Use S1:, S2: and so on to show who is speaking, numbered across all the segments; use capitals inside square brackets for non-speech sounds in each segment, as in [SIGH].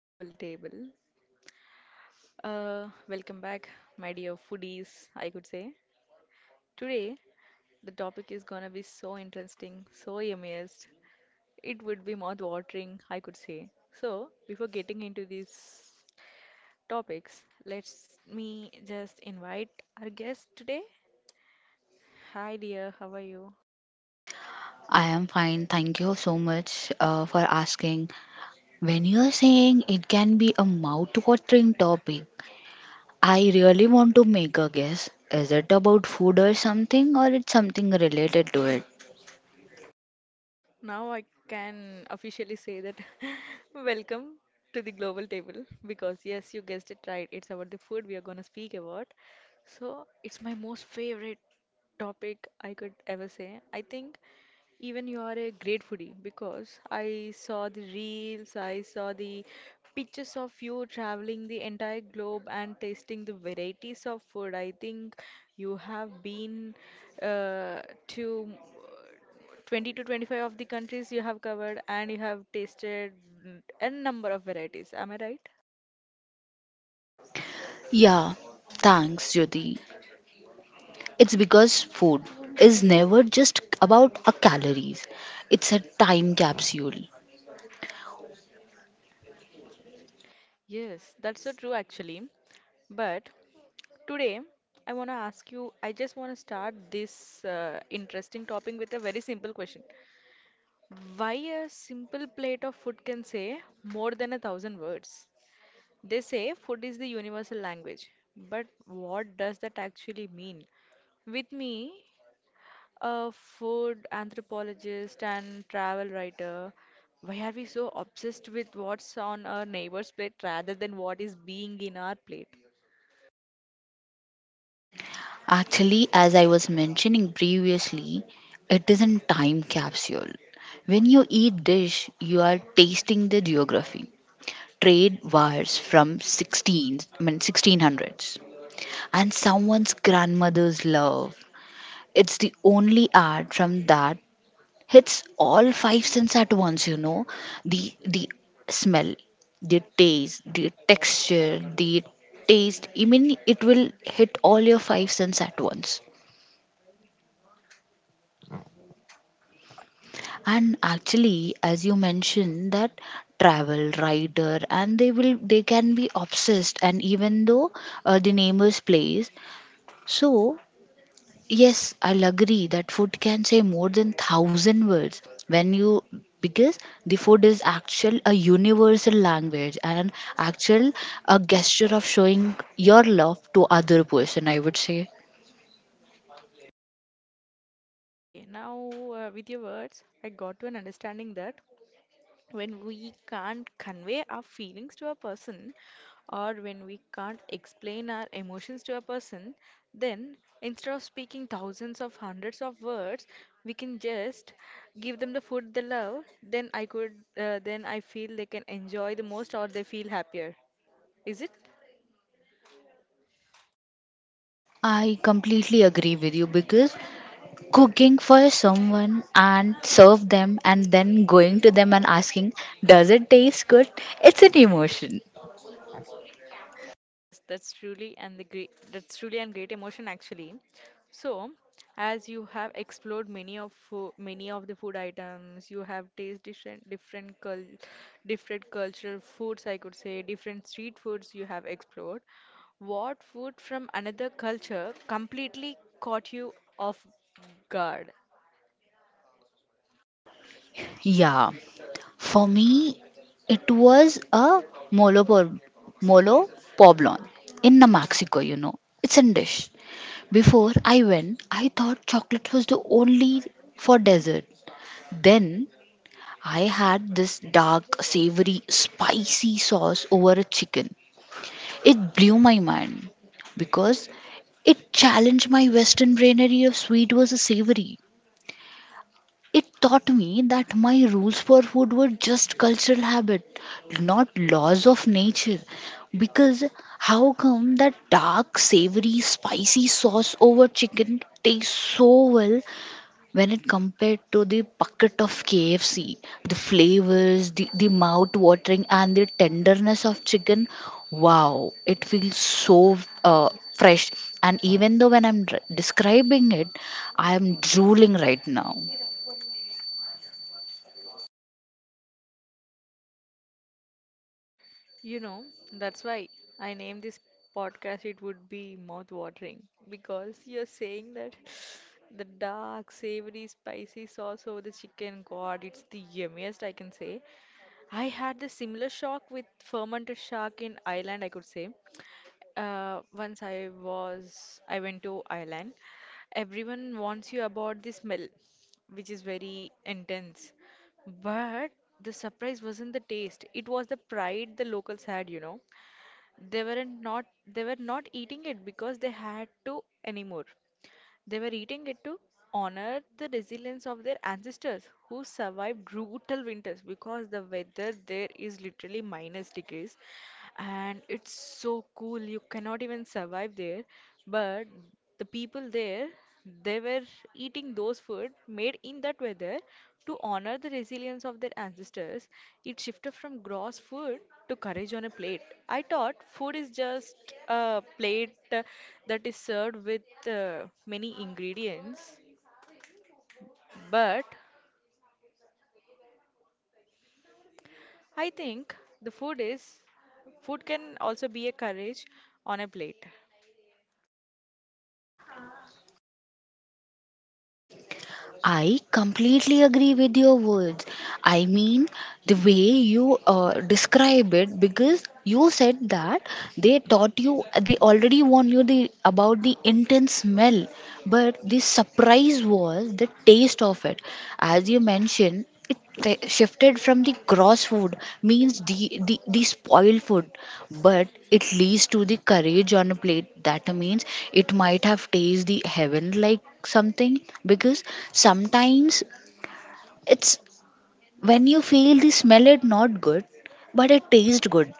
S1: Global Table. Welcome back, my dear foodies, I could say. Today, the topic is gonna be so interesting, so amazed. It would be mouth-watering, I could say. So, before getting into these topics, let's me just invite our guest today. Hi, dear, how are you?
S2: I am fine. Thank you so much for asking. When you're saying it can be a mouth-watering topic, I really want to make a guess. Is it about food or something, or it's something related to it?
S1: Now I can officially say that [LAUGHS] welcome to the global table because yes, you guessed it right. It's about the food we are going to speak about. So, it's my most favorite topic I could ever say. I think even you are a great foodie because I saw the reels, I saw the pictures of you traveling the entire globe and tasting the varieties of food. I think you have been uh, to 20 to 25 of the countries you have covered and you have tasted n number of varieties. Am I right?
S2: Yeah, thanks, Jyoti. It's because food is never just about a calories. It's a time capsule.
S1: Yes, that's so true actually. But today I want to ask you, I just want to start this interesting topic with a very simple question. Why a simple plate of food can say more than 1,000 words? They say food is the universal language, but what does that actually mean? With me a food anthropologist and travel writer. Why are we so obsessed with what's on our neighbor's plate rather than what is being in our plate?
S2: Actually, as I was mentioning previously, it is in time capsule. When you eat dish, you are tasting the geography. Trade wires from 16, I mean 1600s and someone's grandmother's love. It's the only art from that hits all five senses at once, you know. The smell, the taste, the texture, the taste. I mean it will hit all your five senses at once. And actually, as you mentioned, that travel rider and they can be obsessed and even though the neighbor's place, so yes, I'll agree that food can say more than thousand words when you, because the food is actual a universal language and actual a gesture of showing your love to other person, I would say.
S1: Okay, now with your words, I got to an understanding that when we can't convey our feelings to a person or when we can't explain our emotions to a person then instead of speaking thousands of hundreds of words we can just give them the food they love then I feel they can enjoy the most or they feel happier, is it?
S2: I completely agree with you because cooking for someone and serve them and then going to them and asking, does it taste good? It's an emotion.
S1: That's truly and great emotion actually. So, as you have explored many many of the food items, you have tasted different cultural foods, I could say, different street foods you have explored. What food from another culture completely caught you off guard?
S2: Yeah. For me, it was a molo, por- molo poblon in the Mexico, you know. It's a dish. Before I went, I thought chocolate was the only for dessert. Then I had this dark, savory, spicy sauce over a chicken. It blew my mind because it challenged my Western brainery of sweet versus savory. It taught me that my rules for food were just cultural habit, not laws of nature. Because how come that dark, savory, spicy sauce over chicken tastes so well, when it compared to the bucket of KFC, the flavors, the mouth watering, and the tenderness of chicken, wow, it feels so uh, fresh. And even though when describing it, I'm drooling right now.
S1: You know, that's why I named this podcast it would be mouth watering because you're saying that [SIGHS] the dark, savory, spicy sauce over the chicken, God, it's the yummiest I can say. I had the similar shock with fermented shark in Ireland, I could say. Once I went to Ireland. Everyone wants you about the smell, which is very intense. But the surprise wasn't the taste, it was the pride the locals had, you know. They were not eating it because they had to anymore. They were eating it to honor the resilience of their ancestors who survived brutal winters because the weather there is literally minus degrees and it's so cool. You cannot even survive there. But the people there, they were eating those food made in that weather to honor the resilience of their ancestors. It shifted from gross food to courage on a plate. I thought food is just a plate that is served with many ingredients, but I think the food is food can also be a courage on a plate.
S2: I completely agree with your words. I mean, the way you describe it, because you said that they taught you, they already warned you about the intense smell, but the surprise was the taste of it. As you mentioned, it shifted from the gross food, means the spoiled food, but it leads to the courage on a plate. That means it might have tasted the heaven like something, because sometimes it's, when you feel the smell it not good but it tastes good.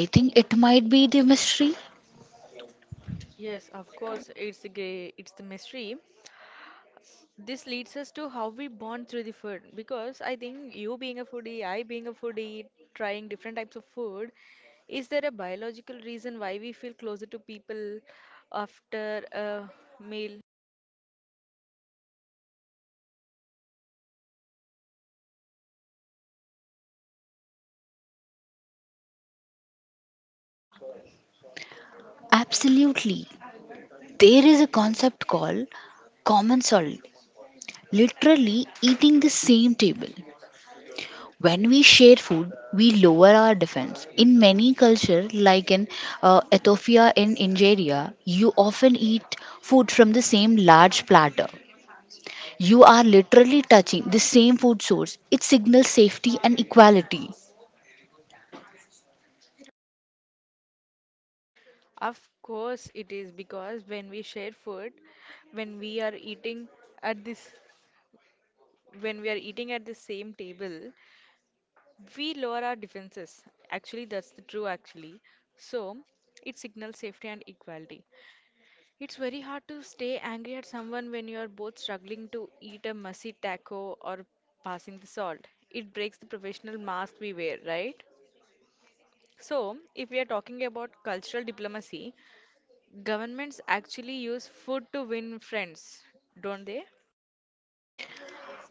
S2: I think it might be the mystery.
S1: Yes, of course, it's the gray, it's the mystery. This leads us to how we bond through the food because I think you being a foodie, I being a foodie, trying different types of food, is there a biological reason why we feel closer to people after a meal?
S2: Absolutely, there is a concept called common salt, literally eating the same table. When we share food, we lower our defense. In many cultures, like in Ethiopia and Nigeria, you often eat food from the same large platter. You are literally touching the same food source. It signals safety and equality.
S1: Of course, it is because when we share food, when we are eating at this, when we are eating at the same table, we lower our defenses. Actually, that's the true actually. So it signals safety and equality. It's very hard to stay angry at someone when you are both struggling to eat a messy taco or passing the salt. It breaks the professional mask we wear, right? So, if we are talking about cultural diplomacy, governments actually use food to win friends, don't they?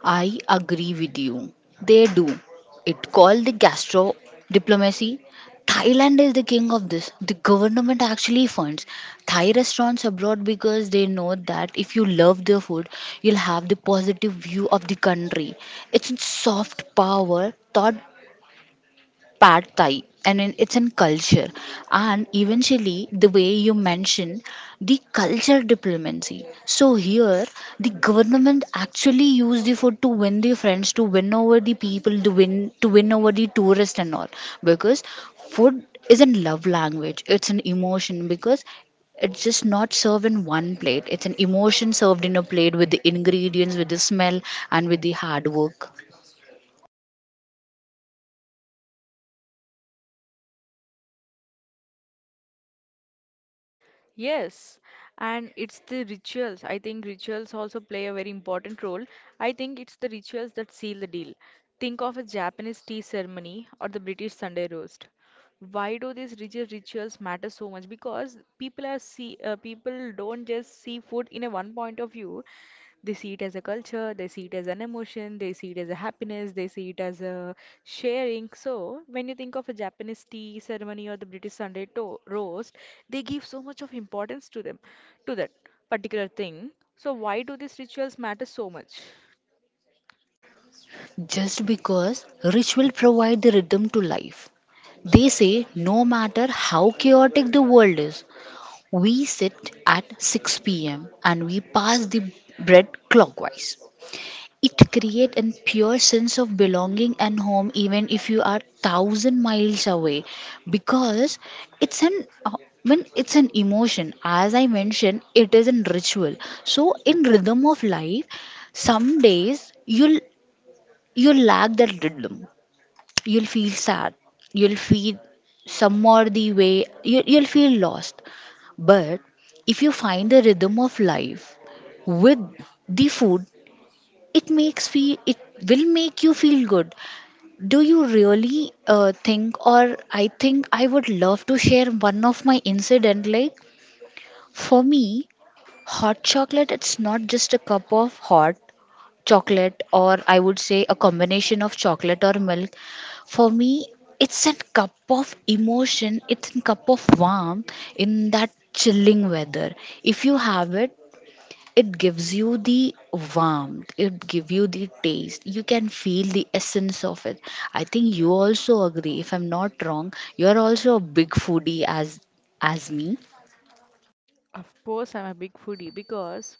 S2: I agree with you. They do. It called the gastro diplomacy. Thailand is the king of this. The government actually funds Thai restaurants abroad because they know that if you love their food, you'll have the positive view of the country. It's soft power thought pad thai and in, it's in culture. And eventually the way you mentioned the culture diplomacy, so here the government actually used the food to win the friends, to win over the people, to win over the tourists and all, because food isn't love language, it's an emotion, because it's just not served in one plate, it's an emotion served in a plate with the ingredients, with the smell, and with the hard work.
S1: Yes, and it's the rituals. I think rituals also play a very important role. I think it's the rituals that seal the deal. Think of a Japanese tea ceremony or the British Sunday roast. Why do these rigid rituals matter so much? Because people don't just see food in a one point of view. They see it as a culture, they see it as an emotion, they see it as a happiness, they see it as a sharing. So, when you think of a Japanese tea ceremony or the British roast, they give so much of importance to them, to that particular thing. So, why do these rituals matter so much?
S2: Just because ritual provide the rhythm to life. They say no matter how chaotic the world is, we sit at 6 p.m. and we pass the bread clockwise. It creates a pure sense of belonging and home even if you are thousand miles away, because it's an uh, when it's an emotion, as I mentioned, it is a ritual. So in rhythm of life, some days you'll, you lack that rhythm, you'll feel sad, you'll feel some or the way you'll feel lost. But if you find the rhythm of life with the food, it makes feel it will make you feel good. Do you really think, or I think I would love to share one of my incident. Like, for me, hot chocolate, it's not just a cup of hot chocolate, or I would say a combination of chocolate or milk. For me, it's a cup of emotion, it's a cup of warmth in that chilling weather. If you have it, it gives you the warmth, it gives you the taste, you can feel the essence of it. I think you also agree, if I'm not wrong, you're also a big foodie as me.
S1: Of course, I'm a big foodie because,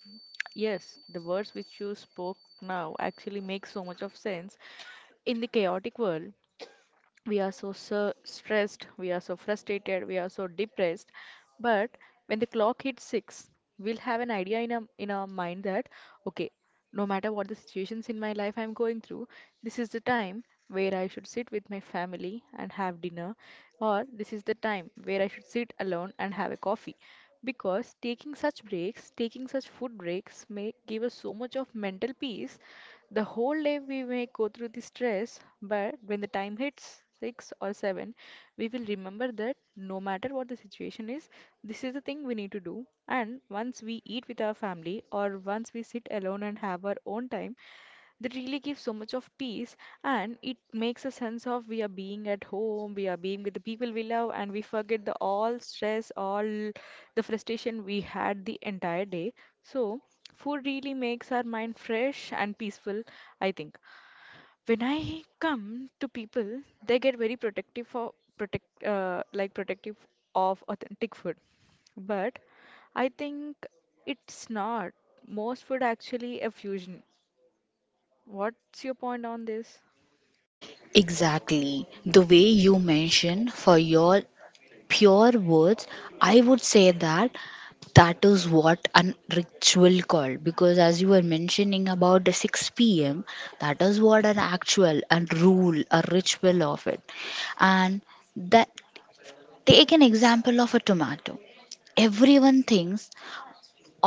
S1: yes, the words which you spoke now actually make so much of sense in the chaotic world. We are stressed, we are so frustrated, we are so depressed. But when the clock hits six, we'll have an idea in our mind that, okay, no matter what the situations in my life I'm going through, this is the time where I should sit with my family and have dinner, or this is the time where I should sit alone and have a coffee. Because taking such breaks, taking such food breaks may give us so much of mental peace, the whole day we may go through the stress, but when the time hits 6 or 7, we will remember that no matter what the situation is, this is the thing we need to do. And once we eat with our family or once we sit alone and have our own time, that really gives so much of peace and it makes a sense of we are being at home, we are being with the people we love and we forget the all stress, all the frustration we had the entire day. So food really makes our mind fresh and peaceful. I think when I come to people they get very protective for protective of authentic food, but I think it's not, most food actually a fusion. What's your point on this?
S2: Exactly. The way you mentioned for your pure words, I would say that that is what an ritual called, because as you were mentioning about the 6 p.m, that is what an actual and rule a ritual of it. And that, take an example of a tomato. Everyone thinks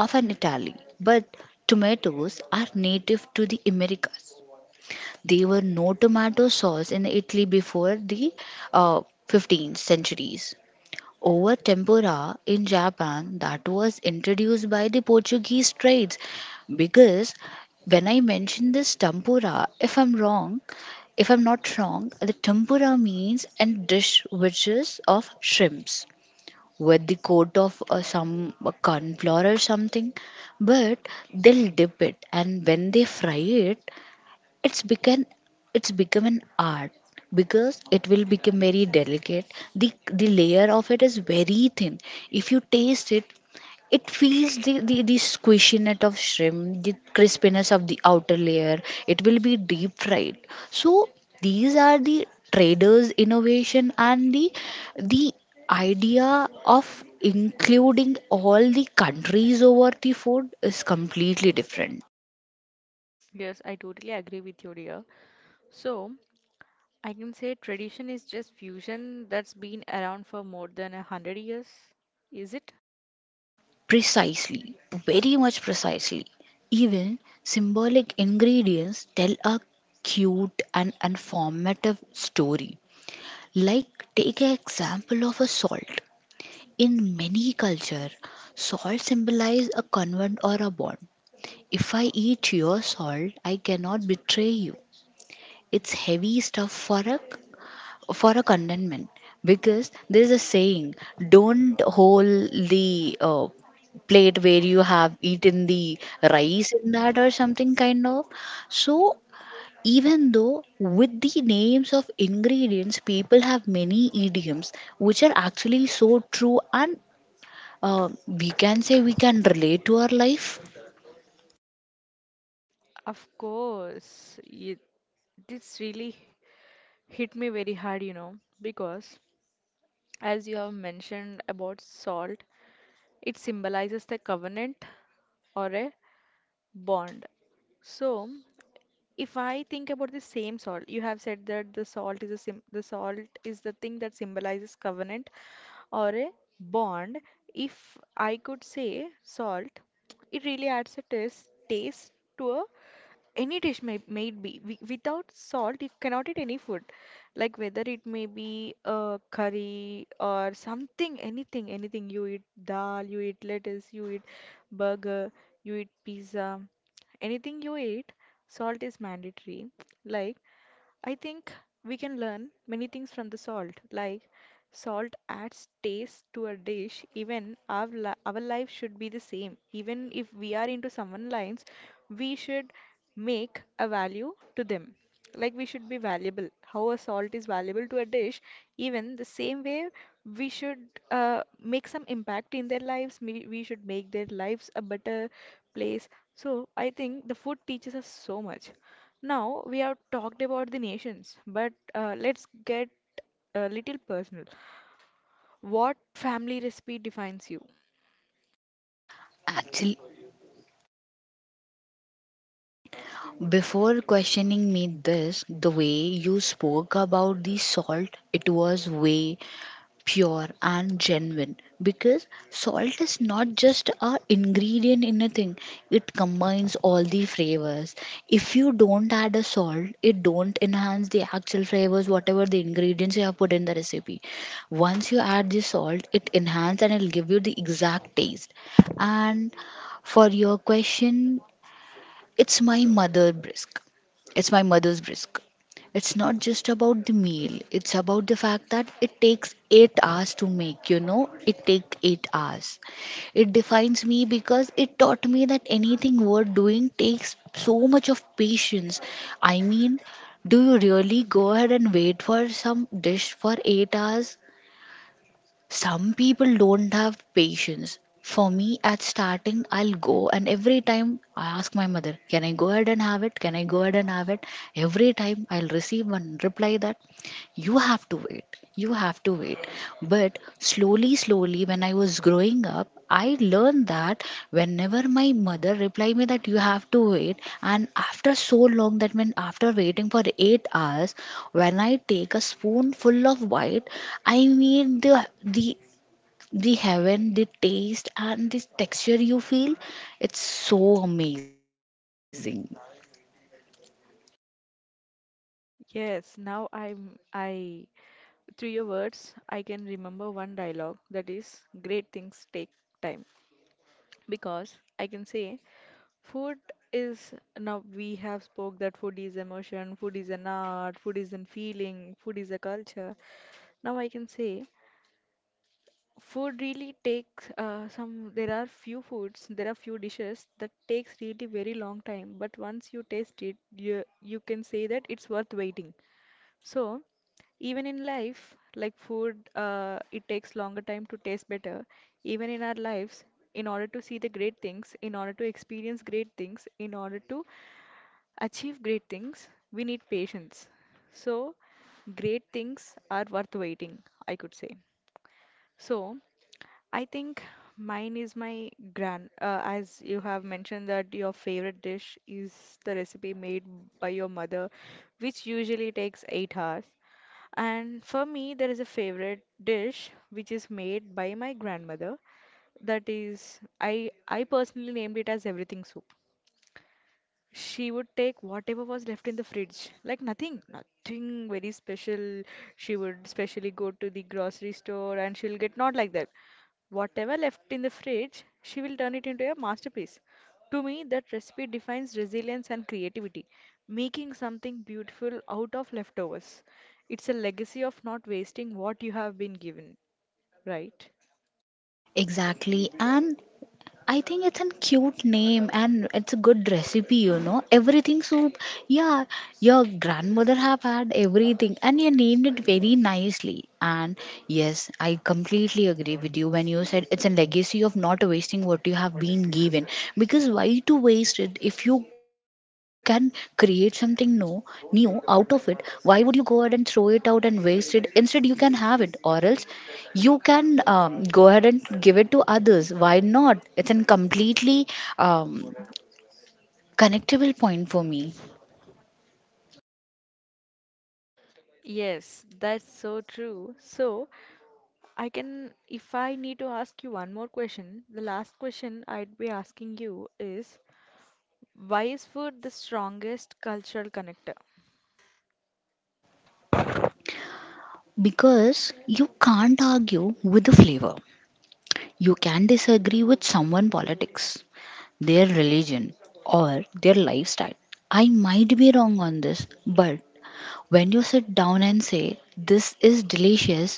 S2: of an Italy, but tomatoes are native to the Americas. There were no tomato sauce in Italy before the uh, 15th centuries. Over tempura in Japan, that was introduced by the Portuguese trades. Because when I mention this tempura, if I'm wrong, if I'm not wrong, the tempura means a dish which is of shrimps with the coat of some cornflour or something, but they'll dip it and when they fry it, it's become it's become an art, because it will become very delicate. the the layer of it is very thin. If you taste it, it feels the squishiness of shrimp, the crispiness of the outer layer. It will be deep fried. So these are the traders innovation, and the idea of including all the countries over the food is completely different.
S1: Yes, I totally agree with you, dear. So, I can say tradition is just fusion that's been around for more than 100 years, is it?
S2: Precisely, very much precisely. Even symbolic ingredients tell a cute and informative story. Like take an example of a salt. In many culture, salt symbolize a convent or a bond. If I eat your salt, I cannot betray you. It's heavy stuff for a contentment, because there's a saying, don't hold the plate where you have eaten the rice in that or something kind of. So even though with the names of ingredients people have many idioms which are actually so true, and we can say we can relate to our life.
S1: Of course, it, this really hit me very hard, you know, because as you have mentioned about salt, it symbolizes the covenant or a bond. So, if I think about the same salt, you have said that the salt is the thing that symbolizes covenant or a bond. If I could say salt, it really adds a taste to a any dish may made be without salt you cannot eat any food, like whether it may be a curry or something, anything, anything you eat, dal you eat, lettuce you eat, burger you eat, pizza, anything you eat, salt is mandatory. Like I think we can learn many things from the salt, like salt adds taste to a dish, even our life should be the same, even if we are into someone lines we should make a value to them. Like we should be valuable. How a salt is valuable to a dish, even the same way we should make some impact in their lives. We should make their lives a better place. So I think the food teaches us so much. Now we have talked about the nations, but let's get a little personal. What family recipe defines you?
S2: Actually, before questioning me this, the way you spoke about the salt, it was way pure and genuine, because salt is not just a ingredient in a thing. It combines all the flavors. If you don't add a salt, it don't enhance the actual flavors, whatever the ingredients you have put in the recipe. Once you add the salt, it enhance, and it'll give you the exact taste. And for your question, it's my mother's brisk. It's not just about the meal. It's about the fact that it takes 8 hours to make, you know? It takes 8 hours. It defines me because it taught me that anything worth doing takes so much of patience. I mean, do you really go ahead and wait for some dish for 8 hours? Some people don't have patience. For me, at starting, I'll go and every time I ask my mother, can I go ahead and have it? Can I go ahead and have it? Every time I'll receive one reply that you have to wait, you have to wait. But slowly, slowly, when I was growing up, I learned that whenever my mother reply me that you have to wait, and after so long, that meant after waiting for 8 hours, when I take a spoonful of white, I mean the heaven, the taste, and the texture you feel, it's so amazing.
S1: Yes, now I'm I Through your words, I can remember one dialogue that is great things take time, because I can say food is now we have spoke that food is emotion, food is an art, food is an feeling, food is a culture. Now I can say food really takes some there are few foods, there are few dishes that takes really very long time, but once you taste it, you can say that it's worth waiting. So, even in life, like food, it takes longer time to taste better. Even in our lives, in order to see the great things, in order to experience great things, in order to achieve great things, we need patience. So, great things are worth waiting, I could say. So, I think mine is my gran. As you have mentioned that your favorite dish is the recipe made by your mother, which usually takes 8 hours. And for me, there is a favorite dish which is made by my grandmother. That is, I personally named it as everything soup. She would take whatever was left in the fridge, like nothing, nothing very special. She would specially go to the grocery store and she'll get not like that. Whatever left in the fridge, she will turn it into a masterpiece. To me, that recipe defines resilience and creativity, making something beautiful out of leftovers. It's a legacy of not wasting what you have been given, right?
S2: Exactly. And I think it's a cute name and it's a good recipe, you know. Everything soup. Yeah, your grandmother have had everything and you named it very nicely. And yes, I completely agree with you when you said it's a legacy of not wasting what you have been given. Because why to waste it if you can create something no, new out of it? Why would you go ahead and throw it out and waste it? Instead you can have it, or else you can go ahead and give it to others. Why not? It's a completely um, connectable point for me.
S1: Yes, that's so true. So, I can, if I need to ask you one more question, the last question I'd be asking you is why is food the strongest cultural connector?
S2: Because you can't argue with the flavor. You can disagree with someone politics, their religion, or their lifestyle. I might be wrong on this, but when you sit down and say, this is delicious,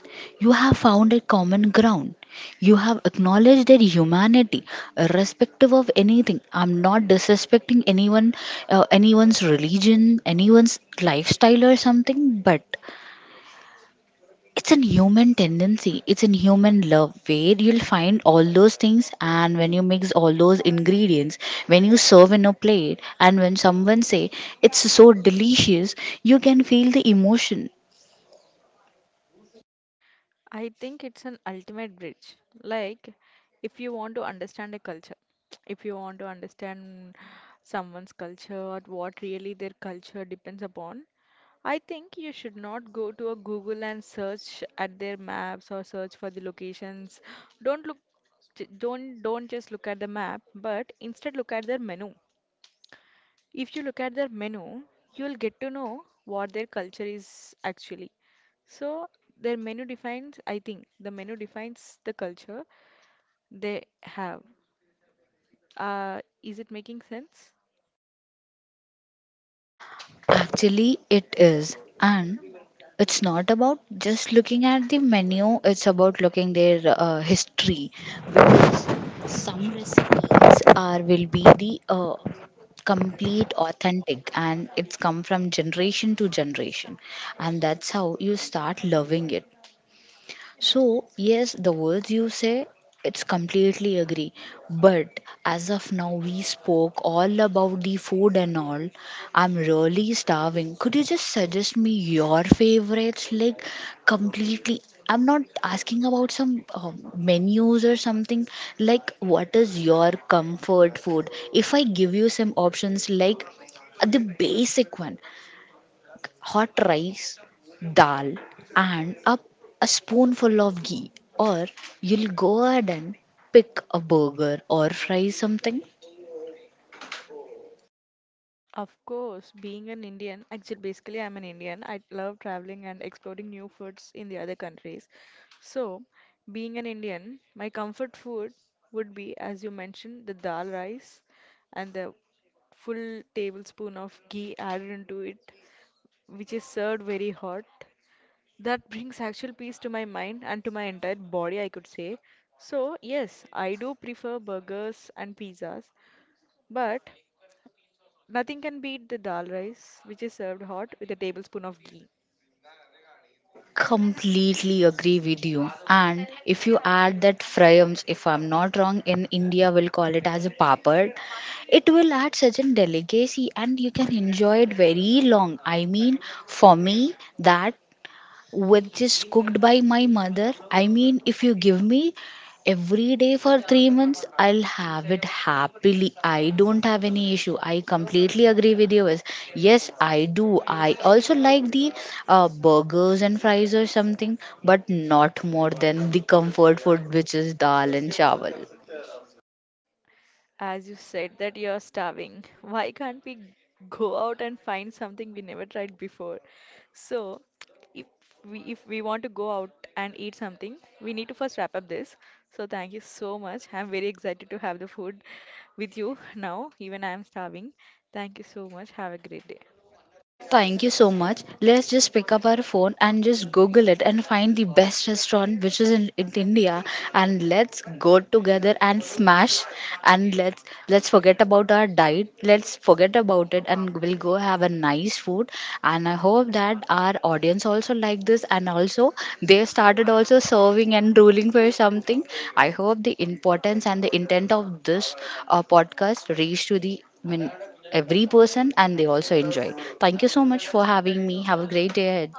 S2: you have found a common ground. You have acknowledged their humanity, irrespective of anything. I'm not disrespecting anyone, anyone's religion, anyone's lifestyle, or something, but it's an human tendency, it's an human love, where you'll find all those things, and when you mix all those ingredients, when you serve in a plate, and when someone say it's so delicious, you can feel the emotion.
S1: I think it's an ultimate bridge. Like, if you want to understand a culture, if you want to understand someone's culture or what really their culture depends upon, I think you should not go to a Google and search at their maps or search for the locations. Don't look j- don't just look at the map, but instead look at their menu. If you look at their menu, you'll get to know what their culture is actually. So their menu defines, I think, the menu defines the culture they have. Is it making sense?
S2: Actually, it is. And it's not about just looking at the menu, it's about looking their history. Some recipes are will be the complete authentic and it's come from generation to generation, and that's how you start loving it. So, yes, the words you say, it's completely agree. But as of now, we spoke all about the food and all. I'm really starving. Could you just suggest me your favorites? Like, completely. I'm not asking about some menus or something. Like, what is your comfort food? If I give you some options, like the basic one, hot rice, dal, and a spoonful of ghee, or you'll go ahead and pick a burger or fry something.
S1: Of course, being an Indian, actually, basically, I'm an Indian. I love traveling and exploring new foods in the other countries. So, being an Indian, my comfort food would be, as you mentioned, the dal rice and the full tablespoon of ghee added into it, which is served very hot. That brings actual peace to my mind and to my entire body, I could say. So, yes, I do prefer burgers and pizzas, but nothing can beat the dal rice, which is served hot with a tablespoon of ghee.
S2: Completely agree with you. And if you add that fryums, if I'm not wrong, in India we'll call it as a papad, it will add such a delicacy and you can enjoy it very long. I mean, for me, that which is cooked by my mother. I mean, if you give me every day for 3 months, I'll have it happily. I don't have any issue. I completely agree with you. Viz. Yes, I do. I also like the burgers and fries or something, but not more than the comfort food, which is dal and chawal.
S1: As you said that you're starving, [LAUGHS] why can't we go out and find something we never tried before? So, if if we want to go out and eat something, we need to first wrap up this. So, thank you so much. I'm very excited to have the food with you [LAUGHS] now, even I'm starving. Thank you so much. Have a great day.
S2: Thank you so much. Let's just pick up our phone and just Google it and find the best restaurant which is in India, and let's go together and smash, and let's forget about our diet. Let's forget about it and we'll go have a nice food. And I hope that our audience also like this and also they started also serving and ruling for something. I hope the importance and the intent of this podcast reach to the, I mean, every person, and they also enjoy. Thank you so much for having me. Have a great day ahead.